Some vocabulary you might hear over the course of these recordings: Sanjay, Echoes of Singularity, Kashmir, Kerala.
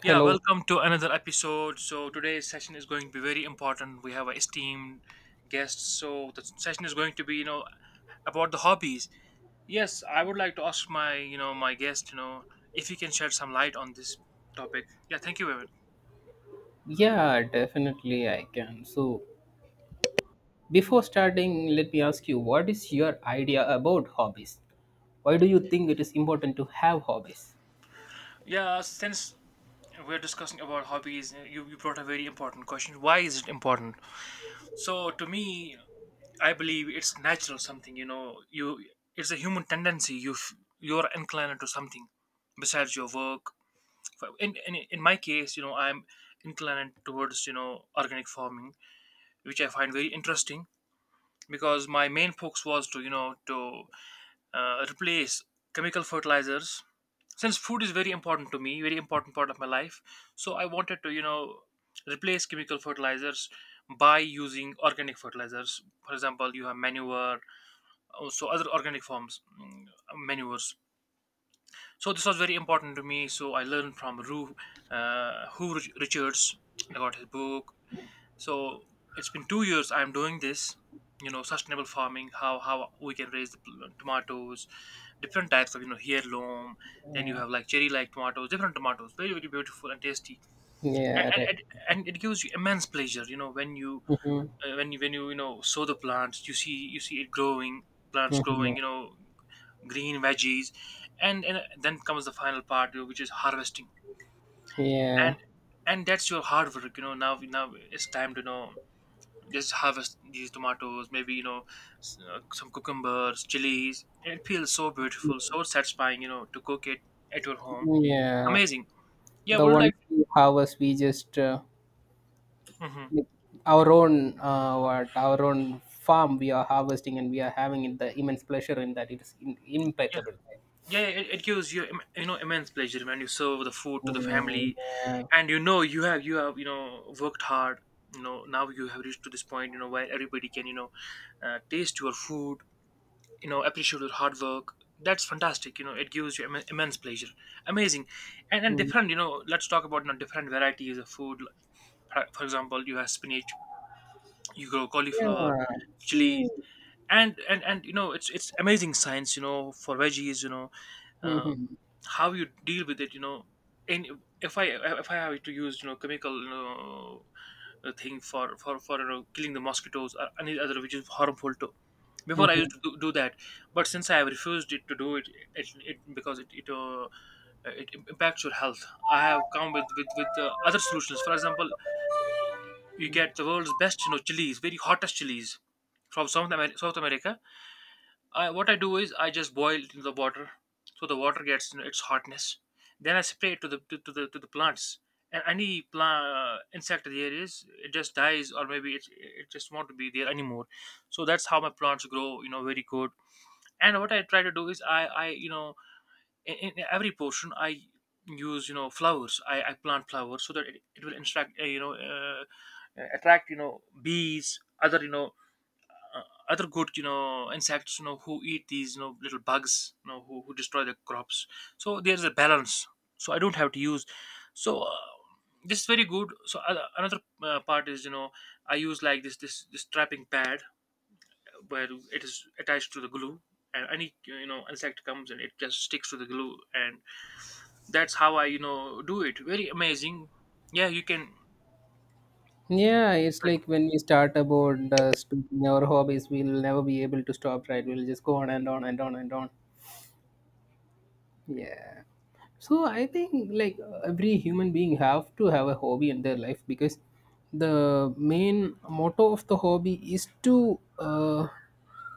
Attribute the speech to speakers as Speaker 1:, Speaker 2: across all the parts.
Speaker 1: Yeah,
Speaker 2: Hello.
Speaker 1: welcome to another episode. So today's session is going to be very important. We have an esteemed guest. So the session is going to be, about the hobbies. Yes, I would like to ask my, my guest, if he can shed some light on this topic. Yeah, thank you, Evan.
Speaker 2: Yeah, definitely I can. So, before starting, let me ask you what is your idea about hobbies? Why do you think it is important to have hobbies?
Speaker 1: Yeah, since we're discussing about hobbies, you brought a very important question. Why is it important? So to me, I believe it's natural something, you it's a human tendency. You you're inclined to something besides your work, in my case, I'm inclined towards, organic farming, which I find very interesting, because my main focus was to, to replace chemical fertilizers, since food is very important to me, very important part of my life. So I wanted to, replace chemical fertilizers by using organic fertilizers. For example, you have manure, also other organic forms, manures. So this was very important to me. So I learned from Hugh Richards. I got his book. So it's been 2 years I'm doing this. You know, sustainable farming, how we can raise the tomatoes, different types of, heirloom. Then you have like cherry like tomatoes, different tomatoes, very very beautiful and tasty, and
Speaker 2: Yeah,
Speaker 1: and,
Speaker 2: right.
Speaker 1: and and it gives you immense pleasure. You know when you
Speaker 2: Hmm.
Speaker 1: when you know sow the plants, you see it growing, plants
Speaker 2: Hmm.
Speaker 1: growing. You know, green veggies, and then comes the final part, which is harvesting.
Speaker 2: Yeah,
Speaker 1: And that's your hard work, you know. Now it's time to, just harvest these tomatoes, maybe, some cucumbers, chilies. It feels so beautiful, so satisfying, you know, to cook it at your home.
Speaker 2: yeah.
Speaker 1: Amazing. Yeah,
Speaker 2: The
Speaker 1: would you
Speaker 2: ones
Speaker 1: like?
Speaker 2: we harvest, we just
Speaker 1: Mm-hmm.
Speaker 2: like our own what our own farm we are harvesting, and we are having it, the immense pleasure in that. It is
Speaker 1: Yeah.
Speaker 2: impeccable. Right?
Speaker 1: Yeah, yeah, it gives you you know immense pleasure when you serve the food to the
Speaker 2: Mm,
Speaker 1: family,
Speaker 2: yeah.
Speaker 1: and you know you have worked hard. You know now you have reached to this point. You know where everybody can taste your food. You know appreciate your hard work. That's fantastic. You know it gives you immense pleasure. Amazing, and
Speaker 2: Mm,
Speaker 1: different. You know let's talk about, different varieties of food. For example, you have spinach, you grow cauliflower,
Speaker 2: yeah. See.
Speaker 1: chilies, and it's amazing science. You know for veggies. You know. uh,
Speaker 2: Hmm.
Speaker 1: how you deal with it, you know. And if I have to use, chemical, thing for killing the mosquitoes or any other which is harmful to. Before I used to do that, but since I have refused it to do it, it, because it impacts your health. I have come with other solutions. For example, you get the world's best, chilies, very hottest chilies from South America. I, what I do is I just boil it in the water, so the water gets, you know, its hotness. Then I spray it to the to the plants, and any plant insect there is, it just dies, or maybe it just won't be there anymore. So that's how my plants grow, you know, very good. And what I try to do is I in every portion I use, flowers. I plant flowers so that it will attract attract, bees, other, other good, insects, who eat these, little bugs, who destroy the crops. So there's a balance, so I don't have to use. So this is very good. So another part is, I use like this trapping pad, where it is attached to the glue, and any, insect comes and it just sticks to the glue, and that's how I, do it. Very amazing. Yeah, you can
Speaker 2: Yeah, it's
Speaker 1: like,
Speaker 2: like when we start about speaking our hobbies, we'll never be able to stop, right? We'll just go on and on and on and on. Yeah, so I think, like, every human being have to have a hobby in their life, because the main motto of the hobby is to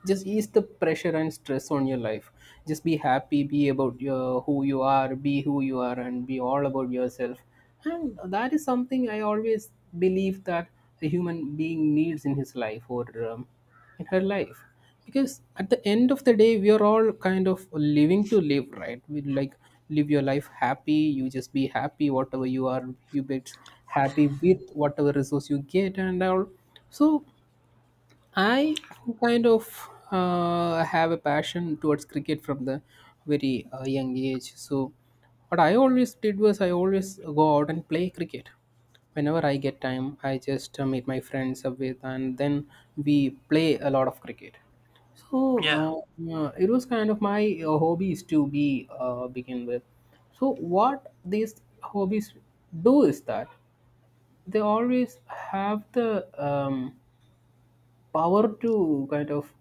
Speaker 2: just ease the pressure and stress on your life. Just be happy, be about your who you are, be who you are, and be all about yourself. And that is something I always believe that a human being needs in his life, or um, in her life, because at the end of the day we are all kind of living to live, right? We, like, live your life happy. You just be happy whatever you are. You be happy with whatever resource you get and all. So I kind of have a passion towards cricket from the very young age. So, what I always did was I always go out and play cricket. Whenever I get time, I just meet my friends up with, and then we play a lot of cricket. So,
Speaker 1: yeah
Speaker 2: it was kind of my hobbies to be begin with. So, what these hobbies do is that they always have the power to kind of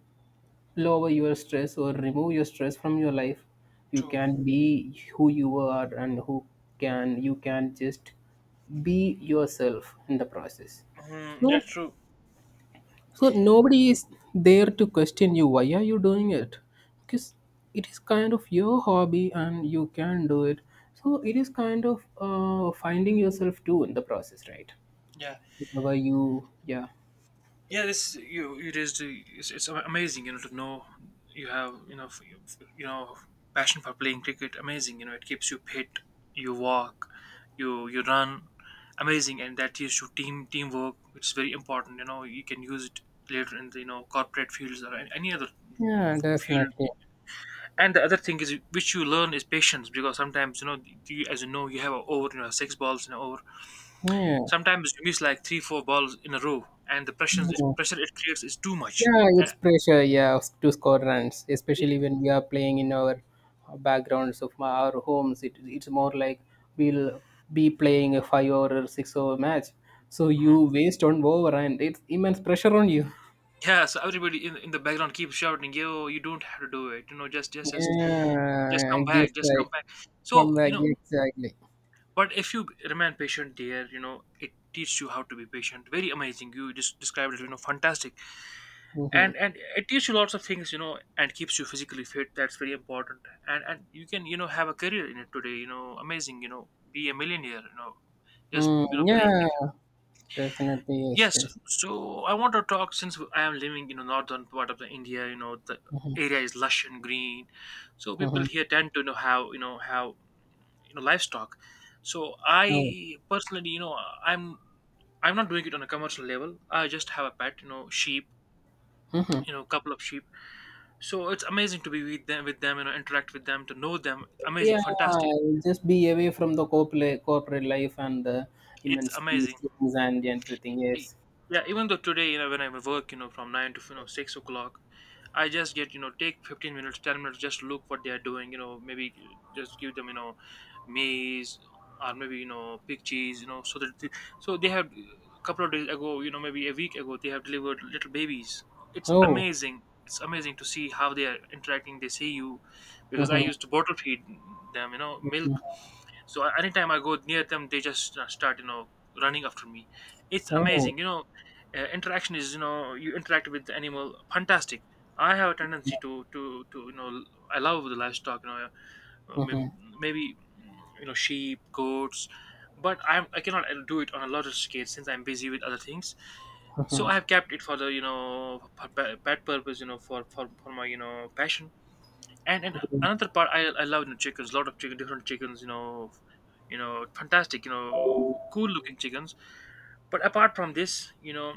Speaker 2: lower your stress or remove your stress from your life. You
Speaker 1: true.
Speaker 2: can be who you are, and who can you can just be yourself in the process.
Speaker 1: Mhm, yeah
Speaker 2: so
Speaker 1: true.
Speaker 2: so nobody is there to question you why are you doing it, because it is kind of your hobby and you can do it. So it is kind of finding yourself too in the process, right?
Speaker 1: Yeah,
Speaker 2: Whatever you, yeah.
Speaker 1: yeah this you it is it's amazing, you know, to know you have, you know passion for playing cricket. Amazing, you know, it keeps you fit. You walk, you run. Amazing. And that gives you teamwork, which is very important, you know, you can use it later in the, corporate fields or any other
Speaker 2: Yeah,
Speaker 1: field.
Speaker 2: definitely.
Speaker 1: And the other thing is which you learn is patience, because sometimes you know, you, as you know, you have a over, you know, six balls in an over.
Speaker 2: Yeah,
Speaker 1: Sometimes you miss like three, four balls in a row, and the
Speaker 2: yeah.
Speaker 1: pressure it creates is too much.
Speaker 2: Yeah,
Speaker 1: And
Speaker 2: it's pressure, yeah, to score runs,
Speaker 1: yeah,
Speaker 2: especially when we are playing in our backgrounds of our homes. It's more like we'll be playing a five or six over match. So you
Speaker 1: mhm.
Speaker 2: waste on over and it's immense pressure on you.
Speaker 1: Yeah, so everybody in the background keeps shouting, "Yo, you don't have to do it. You know, just
Speaker 2: Yeah,
Speaker 1: come back,
Speaker 2: gives
Speaker 1: just come
Speaker 2: like
Speaker 1: back." So, you
Speaker 2: comeback,
Speaker 1: know,
Speaker 2: exactly.
Speaker 1: but if you remain patient, dear, you know, it teaches you how to be patient. Very amazing. You just described it. You know, fantastic.
Speaker 2: Mm-hmm.
Speaker 1: And it teaches you lots of things, you know, and keeps you physically fit. That's very important. And you can, have a career in it today, you know. Amazing, you know, be a millionaire, you know, just,
Speaker 2: Mm,
Speaker 1: play
Speaker 2: yeah,
Speaker 1: cricket.
Speaker 2: definitely, yes,
Speaker 1: Yes.
Speaker 2: yes.
Speaker 1: So I want to talk, since I am living, northern part of the India, you know, the
Speaker 2: Mm-hmm.
Speaker 1: area is lush and green, so people
Speaker 2: Mm-hmm.
Speaker 1: here tend to, have, have, livestock. So I, personally, you know, i'm I'm not doing it on a commercial level. I just have a pet, sheep,
Speaker 2: No.
Speaker 1: you know, couple of sheep. So it's amazing to be with them, interact with them, to know them. Amazing,
Speaker 2: Yeah,
Speaker 1: fantastic.
Speaker 2: just be away from the corporate life and the
Speaker 1: It's
Speaker 2: immense
Speaker 1: amazing.
Speaker 2: things and everything.
Speaker 1: E-
Speaker 2: Yes.
Speaker 1: yeah, even though today, you know, when I work, from 9 to, 6 o'clock, I just get, take 15 minutes, 10 minutes, just look what they are doing. You know, maybe just give them, maize, or maybe, pig cheese, you know, so that the, so they have, a couple of days ago, you know, maybe a week ago, they have delivered little babies. It's
Speaker 2: Oh.
Speaker 1: amazing. It's amazing to see how they are interacting, they see you, because I
Speaker 2: Mm-hmm.
Speaker 1: used to bottle feed them, you know, milk. So anytime I go near them, they just start, running after me. It's
Speaker 2: Oh.
Speaker 1: amazing, you know. Interaction is, you know, you interact with the animal. Fantastic. I have a tendency to I love the livestock, you know. uh, may-
Speaker 2: Mm-hmm.
Speaker 1: Maybe, you know, sheep, goats. But I cannot do it on a larger scale, since I'm busy with other things. So I
Speaker 2: Oh.
Speaker 1: have kept it for the, for pet purpose, you know, for my, passion. And another part, I love, you know, chickens, lot of chicken, different chickens, you know, fantastic, you know, cool looking chickens. But apart from this, you know,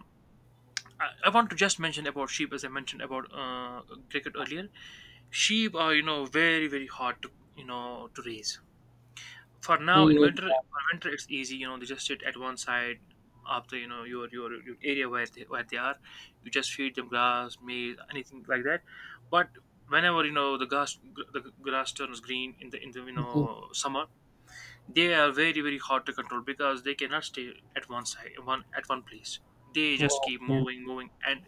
Speaker 1: I want to just mention about sheep, as I mentioned about cricket earlier. Sheep are, you know, very very hard to, to raise. For now in winter, for winter, it's easy, you know, they just sit at one side of the, your your area where they are. You just feed them grass, maize, anything like that. But whenever, you know, the grass the grass turns green in the
Speaker 2: Mm-hmm.
Speaker 1: summer, they are very very hard to control, because they cannot stay at one side, one at one place. They just keep moving and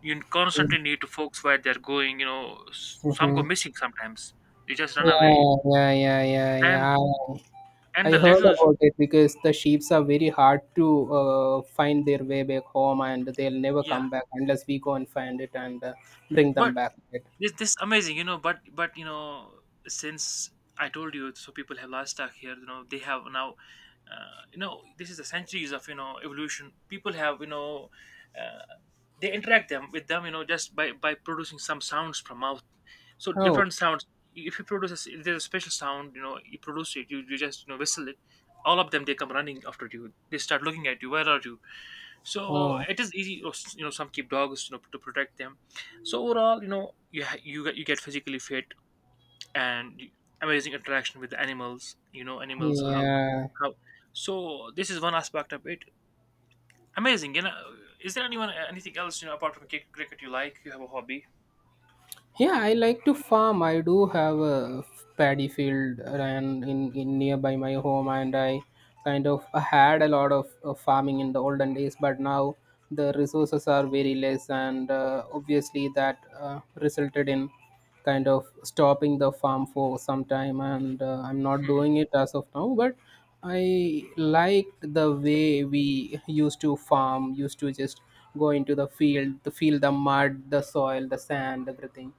Speaker 1: you
Speaker 2: Okay.
Speaker 1: constantly need to focus where they're going, you know, some go
Speaker 2: Mm-hmm.
Speaker 1: missing sometimes. They just run
Speaker 2: Yeah,
Speaker 1: away.
Speaker 2: yeah, yeah, yeah,
Speaker 1: And
Speaker 2: yeah. I I
Speaker 1: the
Speaker 2: heard
Speaker 1: little
Speaker 2: about it, because the sheeps are very hard to find their way back home, and they'll never
Speaker 1: yeah.
Speaker 2: come back unless we go and find it and bring them
Speaker 1: But
Speaker 2: back. Right?
Speaker 1: this amazing, you know, but you know, since I told you, so people have livestock here, you know, they have now you know, this is the centuries of, evolution. People have, you know, uh, they interact them with them, you know, just by producing some sounds from mouth. So
Speaker 2: Oh.
Speaker 1: different sounds. If you produce a, if there's a special sound, you know, you produce it, you just, whistle it, all of them, they come running after you, they start looking at you, where are you, so
Speaker 2: Oh,
Speaker 1: it is easy. You know, some keep dogs, you know, to protect them. So overall, you know, you you get physically fit, and amazing interaction with the animals, you know. Animals, how
Speaker 2: yeah.
Speaker 1: how So this is one aspect of it. Amazing, you know. Is there anyone anything else, you know, apart from cricket you like? You have a hobby?
Speaker 2: Yeah, I like to farm. I do have a paddy field and in nearby my home, and I kind of had a lot of farming in the olden days. But now the resources are very less, and obviously that resulted in kind of stopping the farm for some time. And I'm not doing it as of now, but I liked the way we used to farm, used to just go into the field, to feel the mud, the soil, the sand, everything.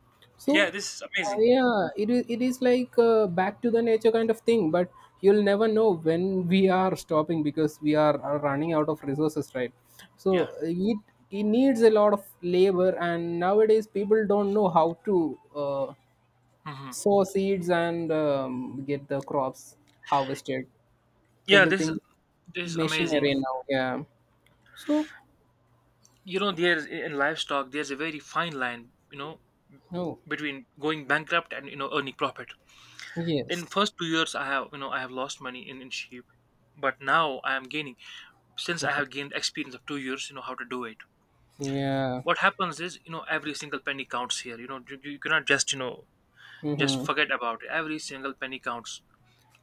Speaker 1: Yeah,
Speaker 2: So,
Speaker 1: this is amazing.
Speaker 2: yeah, it is like back to the nature kind of thing, but you'll never know when we are stopping because we are running out of resources, right?
Speaker 1: Yeah.
Speaker 2: So it needs a lot of labor, and nowadays people don't know how to
Speaker 1: Hmm.
Speaker 2: sow seeds and get the crops harvested.
Speaker 1: Yeah, this
Speaker 2: Everything
Speaker 1: this is amazing.
Speaker 2: machinery now, yeah. So
Speaker 1: You know, there's in livestock there's a very fine line, you know,
Speaker 2: no,
Speaker 1: between going bankrupt and, you know, earning profit. In
Speaker 2: yes,
Speaker 1: first 2 years, I have lost money in sheep. But now I am gaining, since I have gained experience of 2 years, you know, how to do it.
Speaker 2: yeah.
Speaker 1: What happens is, you know, every single penny counts here, you know. You cannot just, you know, just
Speaker 2: Mm-hmm.
Speaker 1: forget about it. Every single penny counts.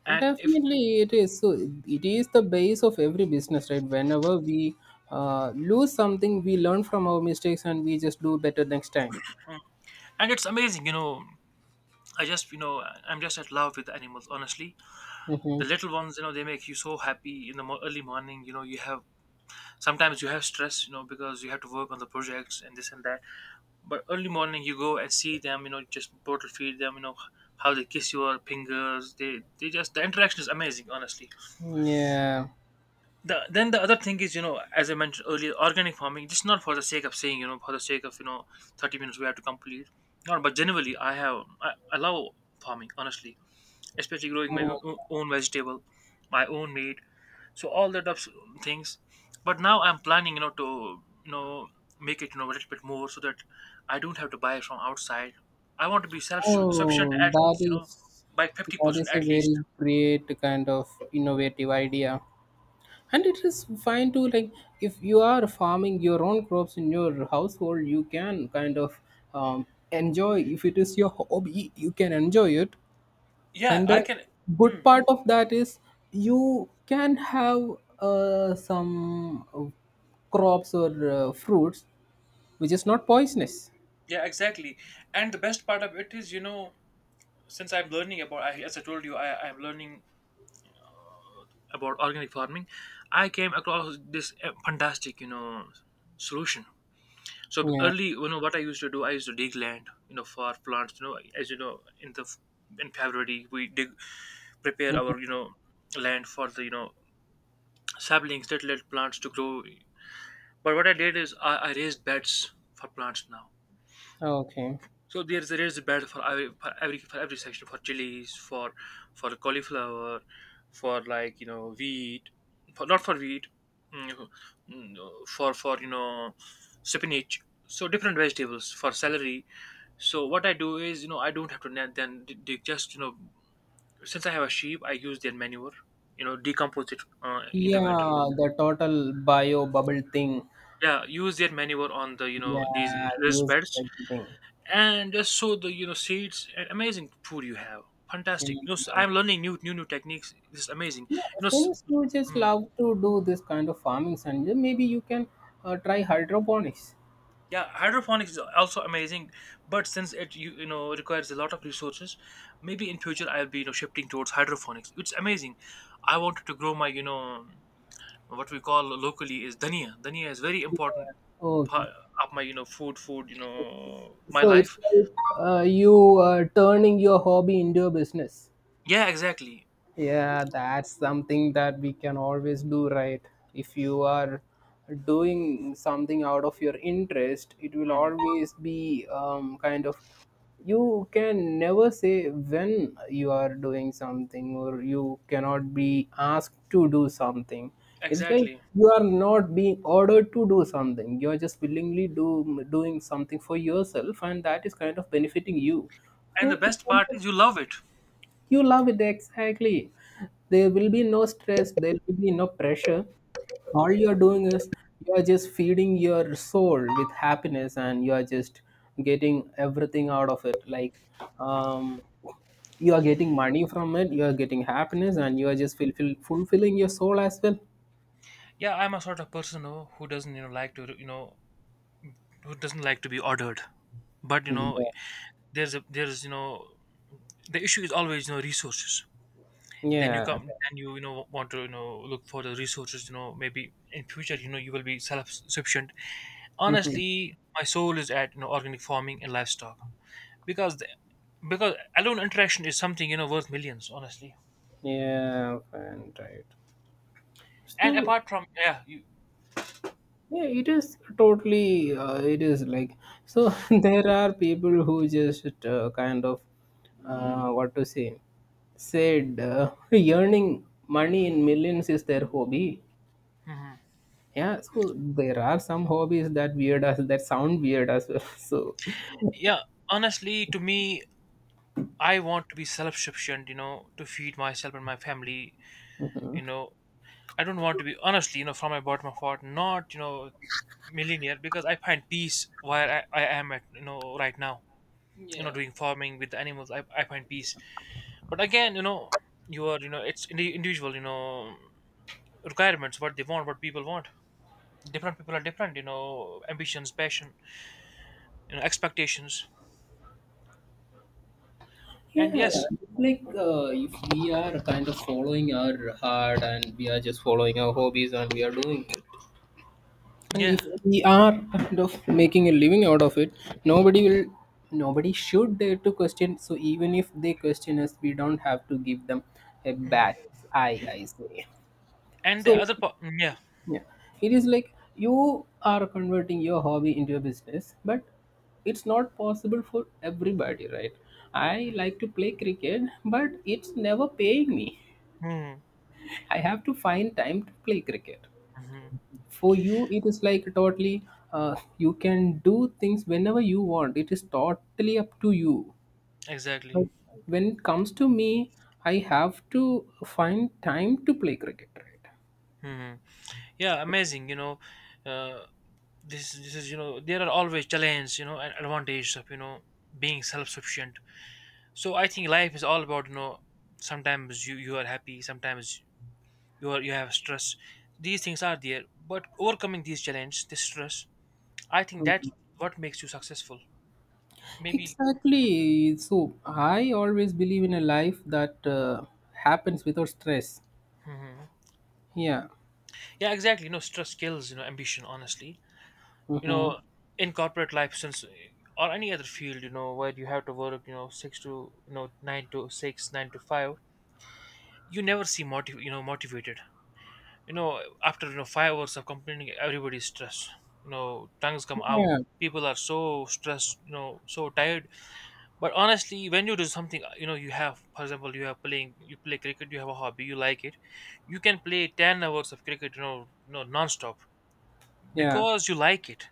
Speaker 1: And if—
Speaker 2: Definitely, it is. So it is the base of every business, right? Whenever we lose something, we learn from our mistakes and we just do better next time.
Speaker 1: and it's amazing, you know. i just you know I'm just at love with animals, honestly. The
Speaker 2: Mm-hmm.
Speaker 1: little ones, you know, they make you so happy in the early morning. You know, you have— sometimes you have stress, you know, because you have to work on the projects and this and that. But early morning, you go and see them. You know, just bottle feed them. You know how they kiss your fingers. They just— the interaction is amazing, honestly.
Speaker 2: Yeah.
Speaker 1: Then the other thing is, you know, as I mentioned earlier, organic farming. Just not for the sake of saying, you know, for the sake of, you know, 30 minutes we have to complete. No, but generally, I love farming, honestly, especially growing my
Speaker 2: Oh,
Speaker 1: own vegetable, my own meat, so all that ups things. But now I'm planning, you know, to, you know, make it, you know, a little bit more so that I don't have to buy from outside. I want to be self sufficient
Speaker 2: oh,
Speaker 1: at
Speaker 2: that
Speaker 1: least, you know,
Speaker 2: is
Speaker 1: by fifty
Speaker 2: that
Speaker 1: percent
Speaker 2: is a
Speaker 1: at least.
Speaker 2: very great kind of innovative idea. And it is fine to, like, if you are farming your own crops in your household, you can kind of enjoy. If it is your hobby, you can enjoy it,
Speaker 1: Yeah,
Speaker 2: and
Speaker 1: I
Speaker 2: the
Speaker 1: can.
Speaker 2: good part of that is you can have some crops or fruits which is not poisonous.
Speaker 1: Yeah, exactly. And the best part of it is, you know, since I'm learning about— I, as I told you, I'm learning about organic farming. I came across this fantastic, you know, solution. So
Speaker 2: Yeah.
Speaker 1: early, you know, what I used to do, I used to dig land, you know, for plants. You know, as you know, in the— in February we dig, prepare our,
Speaker 2: Mhm.
Speaker 1: you know, land for the, you know, saplings that let plants to grow. But what I did is, I raised beds for plants now.
Speaker 2: Okay.
Speaker 1: So there is a raised bed for every section, for chilies, for cauliflower, for, like, you know, wheat— for not for wheat, mm, mm, for you know, spinach. So different vegetables, for celery. So what I do is, you know, I don't have to net then dig, just, you know, since I have a sheep I use their manure, you know, decompose it in the winter.
Speaker 2: Yeah, the total bio bubble thing.
Speaker 1: Yeah, use their manure on the, you know, these
Speaker 2: Yeah,
Speaker 1: raised
Speaker 2: use
Speaker 1: beds
Speaker 2: everything.
Speaker 1: and just sow the, you know, seeds and amazing food you have. Fantastic, you know. So
Speaker 2: Mhm.
Speaker 1: I'm learning new techniques. This is amazing.
Speaker 2: Yeah,
Speaker 1: You know,
Speaker 2: since you just
Speaker 1: mm,
Speaker 2: love to do this kind of farming, Sanjay, maybe you can try hydroponics.
Speaker 1: yeah, hydroponics is also amazing. But since it— you know, requires a lot of resources. Maybe in future I'll be, you know, shifting towards hydroponics. It's amazing. I wanted to grow my, you know— what we call locally is dhania. Dhania is very important
Speaker 2: Okay.
Speaker 1: part of my, you know, food, you know, my
Speaker 2: So it's
Speaker 1: life.
Speaker 2: like, you turning your hobby into a business.
Speaker 1: Yeah, exactly.
Speaker 2: Yeah, that's something that we can always do, right? If you are doing something out of your interest, it will
Speaker 1: Mhm.
Speaker 2: always be kind of, you can never say when you are doing something or you cannot be asked to do something. It's like
Speaker 1: Exactly.
Speaker 2: you are not being ordered to do something. You are just willingly do doing something for yourself, and that is kind of benefiting you.
Speaker 1: And the
Speaker 2: So it
Speaker 1: best
Speaker 2: kind
Speaker 1: part
Speaker 2: of,
Speaker 1: is you love it.
Speaker 2: you love it, exactly. There will be no stress, there will be no pressure. All you're doing is you're just feeding your soul with happiness, and you are just getting everything out of it. Like, um, you are getting money from it, you are getting happiness, and you are just fulfilling your soul as well.
Speaker 1: Yeah, I'm a sort of person, you know, who doesn't, you know, like to, you know— who doesn't like to be ordered. But, you know,
Speaker 2: Yeah.
Speaker 1: there's a— there's you know, the issue is always, you know, resources. Then you
Speaker 2: Yeah.
Speaker 1: come— then you know, want to, you know, look for the resources, you know. Maybe in future, you know, you will be self sufficient.
Speaker 2: Mhm.
Speaker 1: Honestly my soul is at, you know, organic farming and livestock, because the— because alone interaction is something, you know, worth millions, honestly.
Speaker 2: Yeah, fine, right.
Speaker 1: And
Speaker 2: So
Speaker 1: apart from— yeah, you—
Speaker 2: yeah, it is totally. It is like, so. There are people who just kind of what to say, said earning money in millions is their hobby. Yeah, so there are some hobbies that weird as that sound weird as well. So
Speaker 1: yeah, honestly, to me, I want to be self-sufficient, you know, to feed myself and my family. You know, I don't want to be, honestly, you know, from my bottom of heart, not, you know, millionaire, because I find peace where I am at, you know, right now. You know,
Speaker 2: yeah.
Speaker 1: doing farming with the animals, I find peace. But again, you know, you are, you know, it's individual, you know, requirements, what they want, what people want. Different people are different, you know, ambitions, passion, you know, expectations. And
Speaker 2: Yeah,
Speaker 1: yes,
Speaker 2: like, if we are kind of following our heart and we are just following our hobbies and we are doing it, and
Speaker 1: yeah,
Speaker 2: if we are kind of making a living out of it, nobody will nobody should dare to question. So even if they question us, we don't have to give them a
Speaker 1: mm.
Speaker 2: bad eye, I say.
Speaker 1: And the
Speaker 2: So
Speaker 1: other part, yeah.
Speaker 2: yeah, it is like you are converting your hobby into a business, but it's not possible for everybody, right? I like to play cricket, but it's never paying me.
Speaker 1: Mm-hmm.
Speaker 2: I have to find time to play cricket.
Speaker 1: Mm-hmm,
Speaker 2: For you it is like totally, you can do things whenever you want. It is totally up to you.
Speaker 1: exactly.
Speaker 2: But when it comes to me, I have to find time to play cricket, right?
Speaker 1: Hmm. Yeah, amazing, you know. uh, this is, you know, there are always challenges, you know, and advantages of, you know, being self-sufficient. So I think life is all about, you know, sometimes you are happy, sometimes you have stress. These things are there. But overcoming these challenges, this stress, I think that's
Speaker 2: Mhm.
Speaker 1: what makes you successful, maybe.
Speaker 2: Exactly. So I always believe in a life that happens without stress.
Speaker 1: Mhm.
Speaker 2: Yeah.
Speaker 1: Yeah, exactly, you know. Stress kills, you know, ambition, honestly, you know.
Speaker 2: Mm-hmm.
Speaker 1: In corporate life since, or any other field, you know, where you have to work, you know, six to, you know, nine to six, nine to five, you never see you know, motivated. You know, after, you know, 5 hours of complaining, everybody's stressed, you know, tongues come out.
Speaker 2: Yeah,
Speaker 1: People are so stressed, you know, so tired. But honestly, when you do something, you know, you have— for example, you have playing— you play cricket, you have a hobby you like it, you can play 10 hours of cricket, you know, non-stop,
Speaker 2: yeah,
Speaker 1: because you like it.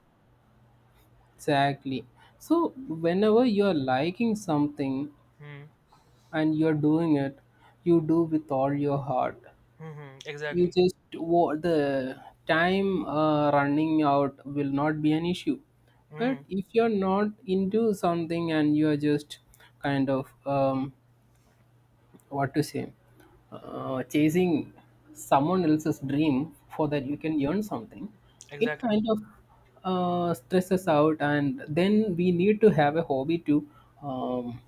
Speaker 2: exactly. So whenever you are liking something and you are doing it, you do with all your heart.
Speaker 1: Mm-hmm,
Speaker 2: You
Speaker 1: exactly.
Speaker 2: just the time running out will not be an issue. But
Speaker 1: Mm.
Speaker 2: if you're not into something and you're just kind of, what to say, chasing someone else's dream for
Speaker 1: Mm,
Speaker 2: that you can earn something, it
Speaker 1: exactly.
Speaker 2: kind of stresses out, and then we need to have a hobby to um,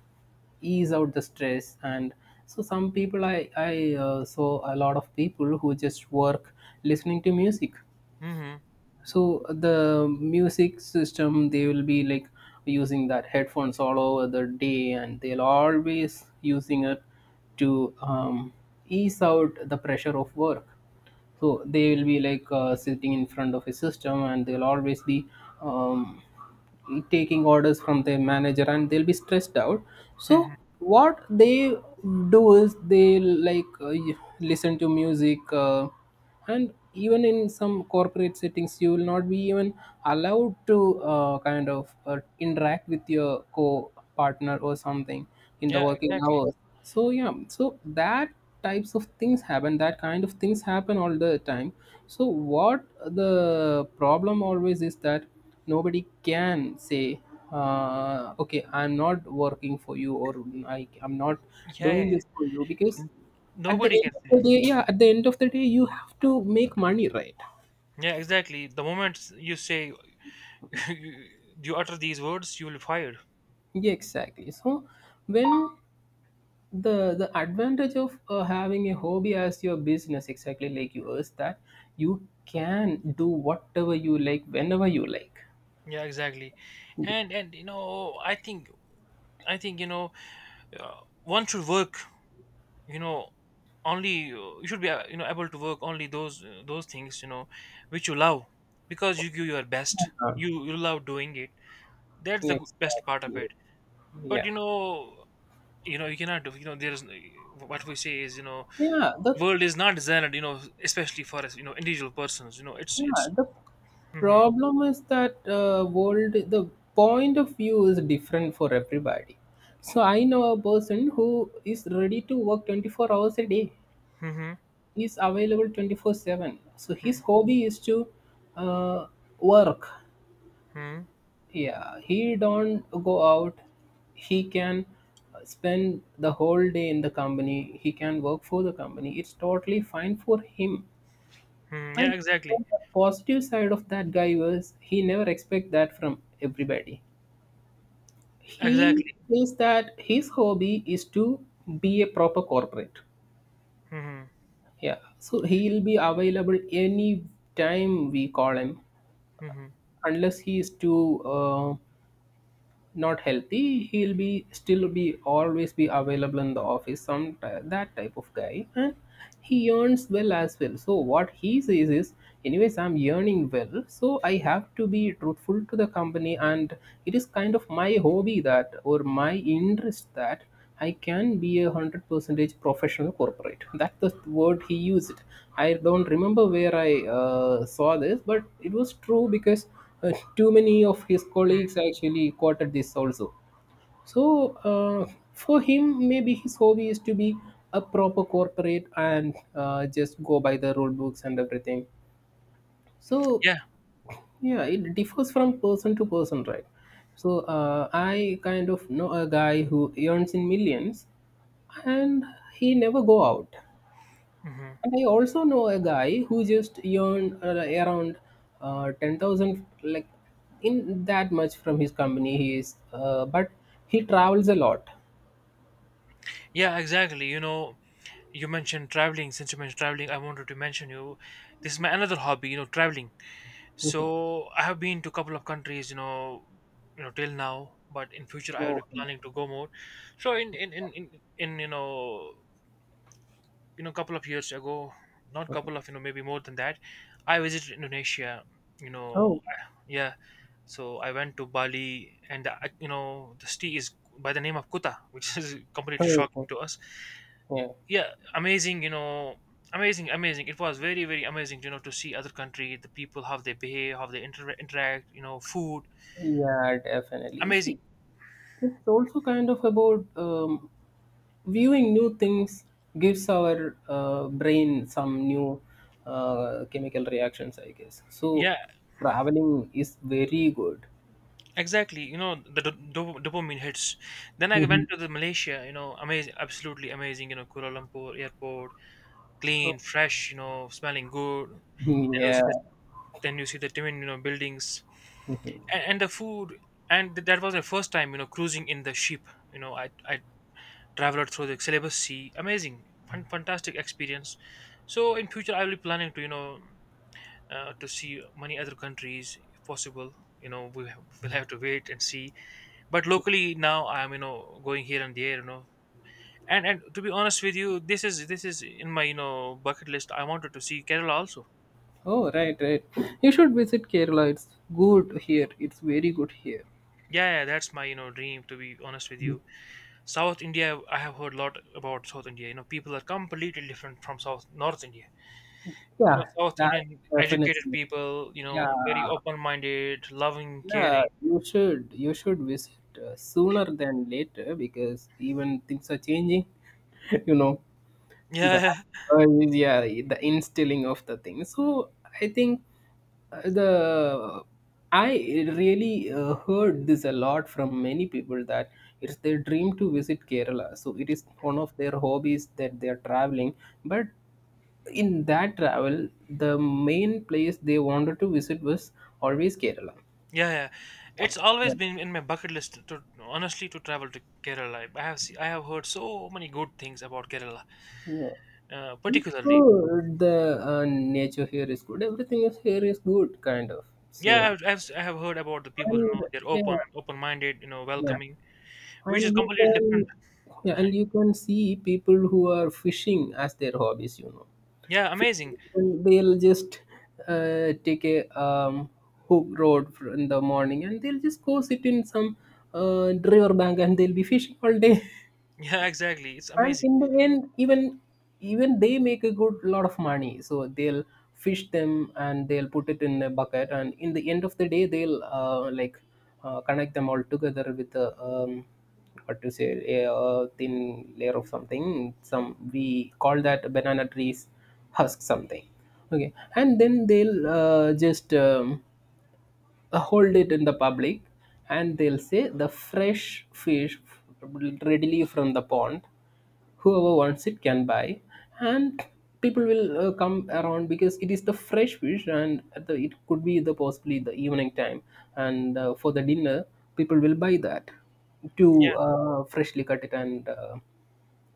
Speaker 2: ease out the stress. And so some people, I saw a lot of people who just work listening to music.
Speaker 1: Mhm,
Speaker 2: So the music system, they will be like using that headphones all over the day, and they'll always using it to ease out the pressure of work. So they will be like sitting in front of a system, and they'll always be um, taking orders from their manager, and they'll be stressed out. So,
Speaker 1: mhm.
Speaker 2: what they do is they, like, listen to music, and even in some corporate settings you will not be even allowed to kind of interact with your co-partner or something in the
Speaker 1: Yeah,
Speaker 2: working
Speaker 1: exactly.
Speaker 2: hours. So yeah, so that types of things happen, that kind of things happen all the time. So what the problem always is that nobody can say, okay, I'm not working for you, or I'm not
Speaker 1: Yeah, yeah.
Speaker 2: doing this for you,
Speaker 1: Yeah.
Speaker 2: because
Speaker 1: Mm.
Speaker 2: at the
Speaker 1: Nobody
Speaker 2: end
Speaker 1: can
Speaker 2: of
Speaker 1: say.
Speaker 2: the day, yeah, at the end of the day, you have to make money, right?
Speaker 1: Yeah, exactly. The moment you say, you, you utter these words, you will be fired.
Speaker 2: Yeah, exactly. So when the advantage of having a hobby as your business, exactly like yours, that you can do whatever you like, whenever you like.
Speaker 1: Yeah, exactly. And, you know, I think, you know, uh, one should work. You know, only, you should be, you know, able to work only those, those things, you know, which you love, because you give your best.
Speaker 2: Uh,
Speaker 1: You love doing it. That's the
Speaker 2: yeah,
Speaker 1: best part of
Speaker 2: exactly.
Speaker 1: it. But
Speaker 2: Yeah.
Speaker 1: you know— you know, you cannot do— you know, there is— what we say is, you know,
Speaker 2: Yeah, the,
Speaker 1: world is not designed, you know, especially for us, you know, individual persons, you know. It's
Speaker 2: yeah, the
Speaker 1: hmm.
Speaker 2: problem is that world the point of view is different for everybody. So I know a person who is ready to work 24 hours a day.
Speaker 1: Hmm.
Speaker 2: Is available 24/7. So his hobby is to uh, work.
Speaker 1: Hmm.
Speaker 2: Yeah, he don't go out. He can spend the whole day in the company. He can work for the company. It's totally fine for him,
Speaker 1: Hmm. Yeah,
Speaker 2: and
Speaker 1: exactly.
Speaker 2: on the positive side of that guy was he never expect that from everybody. He
Speaker 1: Exactly.
Speaker 2: says that his hobby is to be a proper corporate.
Speaker 1: Hmm.
Speaker 2: Yeah. So he'll be available any time we call him,
Speaker 1: Hmm.
Speaker 2: unless he is too not healthy. He'll be still be always be available in the office that type of guy. And he earns well as well, so what he says is, anyways, I'm earning well, so I have to be truthful to the company. And it is kind of my hobby, that or my interest, that I can be a hundred percentage professional corporate. That's the word he used. I don't remember where I saw this, but it was true because too many of his colleagues actually quoted this also. So for him, maybe his hobby is to be a proper corporate and just go by the rule books and everything. So
Speaker 1: Yeah.
Speaker 2: yeah, it differs from person to person, right? So I kind of know a guy who earns in millions, and he never go out.
Speaker 1: Hmm.
Speaker 2: And I also know a guy who just earned around 10,000, like in that much from his company he is, but he travels a lot.
Speaker 1: Yeah, exactly, you know. You mentioned traveling— since you mentioned traveling, I wanted to mention you, this is my another hobby, you know, traveling. So I have been to a couple of countries, you know, you know, till now. But in future I will be
Speaker 2: Oh.
Speaker 1: planning to go more. So in, you know, you know, couple of years ago— not couple of, you know, maybe more than that— I visited Indonesia, you know.
Speaker 2: Oh.
Speaker 1: Yeah. So I went to Bali and, you know, the city is by the name of Kuta, which is completely
Speaker 2: Oh.
Speaker 1: shocking
Speaker 2: Oh,
Speaker 1: to us.
Speaker 2: yeah.
Speaker 1: Yeah. Amazing, you know. Amazing, amazing. It was very, very amazing, you know, to see other country, the people, how they behave, how they interact, you know, food.
Speaker 2: Yeah, definitely.
Speaker 1: Amazing.
Speaker 2: See, it's also kind of about viewing new things gives our brain some new chemical reactions, I guess. So
Speaker 1: Yeah.
Speaker 2: traveling is very good.
Speaker 1: Exactly, you know, the dopamine hits. Then I
Speaker 2: Mhm.
Speaker 1: went to the Malaysia, you know, amazing, absolutely amazing. You know, Kuala Lumpur airport, clean,
Speaker 2: Oh,
Speaker 1: fresh, you know, smelling good. Then you see the
Speaker 2: yeah.
Speaker 1: then you see the Timin, you know, buildings and the food. And that was my first time, you know, cruising in the ship. You know, I traveled through the Celebes Sea. Amazing, fun, fantastic experience. So in future, I will be planning to, you know, to see many other countries if possible. You know, we will have to wait and see. But locally now I'm, you know, going here and there, you know. And to be honest with you, this is in my, you know, bucket list. I wanted to see Kerala also.
Speaker 2: Oh, right, right. You should visit Kerala. It's good here. It's very good here.
Speaker 1: Yeah, yeah, that's my, you know, dream, to be honest with you. South India. I have heard a lot about South India. You know, people are completely different from south North India. You know,
Speaker 2: Yeah,
Speaker 1: South
Speaker 2: that
Speaker 1: Indian educated
Speaker 2: definitely.
Speaker 1: people, you
Speaker 2: Yeah,
Speaker 1: know, very open minded loving,
Speaker 2: yeah.
Speaker 1: caring.
Speaker 2: You should visit, sooner than later because even things are changing. You know.
Speaker 1: Yeah,
Speaker 2: The
Speaker 1: yeah.
Speaker 2: yeah, the instilling of the thing. So I think, the I really heard this a lot from many people, that it's their dream to visit Kerala. So it is one of their hobbies that they are traveling, but in that travel, the main place they wanted to visit was always Kerala.
Speaker 1: Yeah. Yeah. It's always
Speaker 2: Yeah.
Speaker 1: been in my bucket list to, honestly, to travel to Kerala. I have heard so many good things about Kerala,
Speaker 2: Yeah.
Speaker 1: particularly.
Speaker 2: So the nature here is good. Everything is here is good, kind of.
Speaker 1: Yeah,
Speaker 2: So
Speaker 1: I have heard about the people. You know,
Speaker 2: and
Speaker 1: they're
Speaker 2: yeah,
Speaker 1: open, open-minded. You know,
Speaker 2: yeah,
Speaker 1: welcoming, which is
Speaker 2: and you
Speaker 1: completely different.
Speaker 2: can, yeah, and you can see people who are fishing as their hobbies. You know,
Speaker 1: Yeah, amazing.
Speaker 2: fishing, and they'll just take a in the morning, and they'll just go sit in some river bank, and they'll be fishing all day.
Speaker 1: Yeah, exactly. It's
Speaker 2: And
Speaker 1: amazing.
Speaker 2: in the end, even they make a good lot of money. So they'll fish them and they'll put it in a bucket, and in the end of the day they'll, like connect them all together with a, what to say, a, uh, thin layer of something, some we call that banana trees husk something, okay, and then they'll just hold it in the public, and they'll say the fresh fish readily from the pond, whoever wants it can buy. And people will come around because it is the fresh fish, and at the, it could be the possibly the evening time, and for the dinner people will buy that
Speaker 1: Yeah,
Speaker 2: to freshly cut it and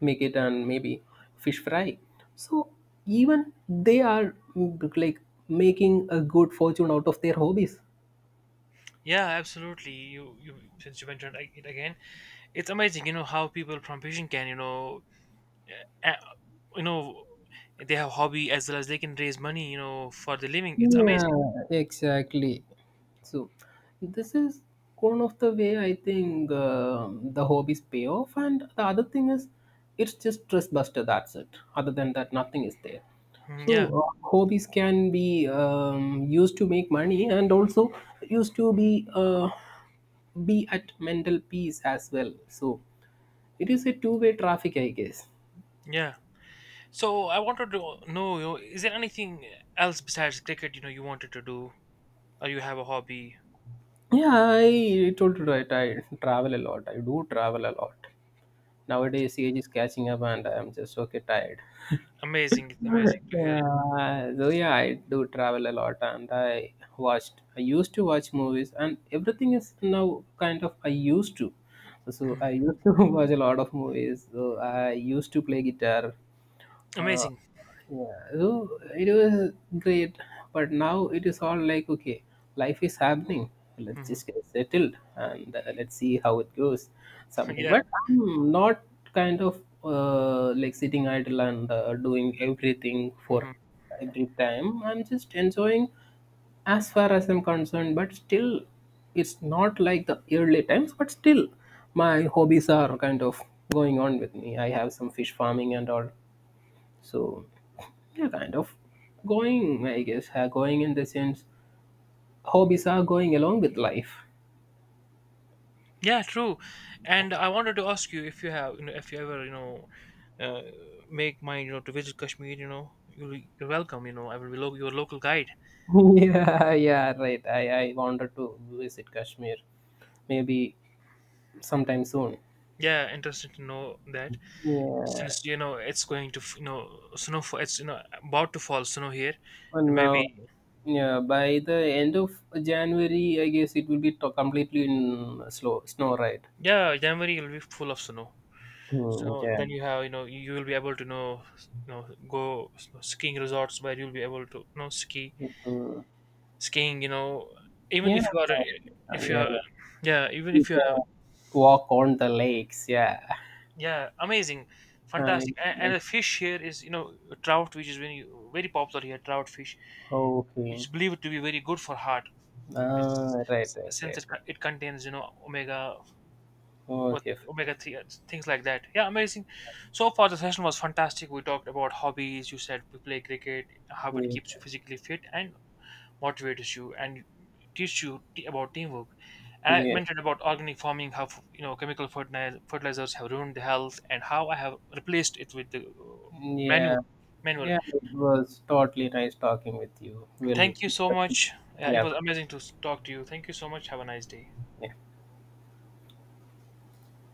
Speaker 2: make it, and maybe fish fry. So even they are, like, making a good fortune out of their hobbies.
Speaker 1: yeah, absolutely. Since you mentioned it again, it's amazing. You know how people from fishing can, uh, you know, they have hobby as well as they can raise money. You know, for the living. It's amazing.
Speaker 2: Yeah, exactly. So this is one of the way, I think, um, the hobbies pay off. And the other thing is, it's just stress buster. That's it. Other than that, nothing is there.
Speaker 1: Mhm.
Speaker 2: So
Speaker 1: Yeah,
Speaker 2: hobbies can be used to make money and also used to be at mental peace as well. So it is a two-way traffic, I guess.
Speaker 1: yeah. So I wanted to know, you know, is there anything else besides cricket? You know, you wanted to do, or you have a hobby?
Speaker 2: Yeah, I told you right. I travel a lot. I do travel a lot. Nowadays, age is catching up, and I'm just okay tired.
Speaker 1: Amazing, it's amazing to hear.
Speaker 2: Yeah, so yeah, I do travel a lot, and I watched. I used to watch movies, and everything is now kind of I used to. So I used to watch a lot of movies. So I used to play guitar. Uh,
Speaker 1: Amazing.
Speaker 2: yeah, so it was great, but now it is all like okay, life is happening. Let's
Speaker 1: Hmm.
Speaker 2: just get settled and let's see how it goes. Something,
Speaker 1: Yeah.
Speaker 2: but I'm not kind of like sitting idle and doing everything
Speaker 1: Hmm.
Speaker 2: for every time. I'm just enjoying as far as I'm concerned, but still, it's not like the early times, but still, my hobbies are kind of going on with me. I have some fish farming and all. So yeah, kind of going, I guess, going in the sense hobbies are going along with life.
Speaker 1: Yeah, true. And I wanted to ask you if you have, you know, if you ever, you know, uh, make mind, you know, to visit Kashmir. You know, you're welcome. You know, I will be your local guide.
Speaker 2: Yeah, yeah, right. I wanted to visit Kashmir maybe sometime soon.
Speaker 1: Yeah, interested to know that.
Speaker 2: Yeah,
Speaker 1: Since, you know, it's going to— you know, snow, for it's, you know, about to fall snow here, and
Speaker 2: and now,
Speaker 1: maybe—
Speaker 2: yeah, by the end of January, I guess it will be completely in slow snow, right?
Speaker 1: yeah, January will be full of snow.
Speaker 2: Mm,
Speaker 1: So
Speaker 2: yeah.
Speaker 1: then you have, you know, you will be able to know, you know, go skiing resorts where you'll be able to, you know, ski,
Speaker 2: Mm.
Speaker 1: skiing, you know, even
Speaker 2: Yeah,
Speaker 1: if you are, if you
Speaker 2: yeah, yeah.
Speaker 1: are— yeah, even
Speaker 2: You
Speaker 1: if you are—
Speaker 2: can walk on the lakes. Yeah,
Speaker 1: yeah, amazing,
Speaker 2: I
Speaker 1: fantastic.
Speaker 2: mean,
Speaker 1: And
Speaker 2: like,
Speaker 1: the fish here is, you know, trout, which is very, very popular here, trout fish, which
Speaker 2: okay.
Speaker 1: is believed to be very good for heart. it's-
Speaker 2: Ah, right, right,
Speaker 1: since
Speaker 2: right.
Speaker 1: it contains, you know, omega— what—
Speaker 2: Okay. F-
Speaker 1: omega 3 and things like that. Yeah, amazing. So far the session was fantastic. We talked about hobbies. You said we play cricket, how it
Speaker 2: yeah,
Speaker 1: keeps you physically fit and motivates you and teach you about teamwork. And I mentioned about organic farming, how, you know, chemical fertilizers have ruined the health, and how I have replaced it with the,
Speaker 2: yeah, yeah.
Speaker 1: manual. Manual.
Speaker 2: Yeah, it was totally nice talking with you. We'll,
Speaker 1: Thank you so much. It
Speaker 2: yeah,
Speaker 1: was amazing to talk to you. Thank you so much. Have a nice day.
Speaker 2: yeah.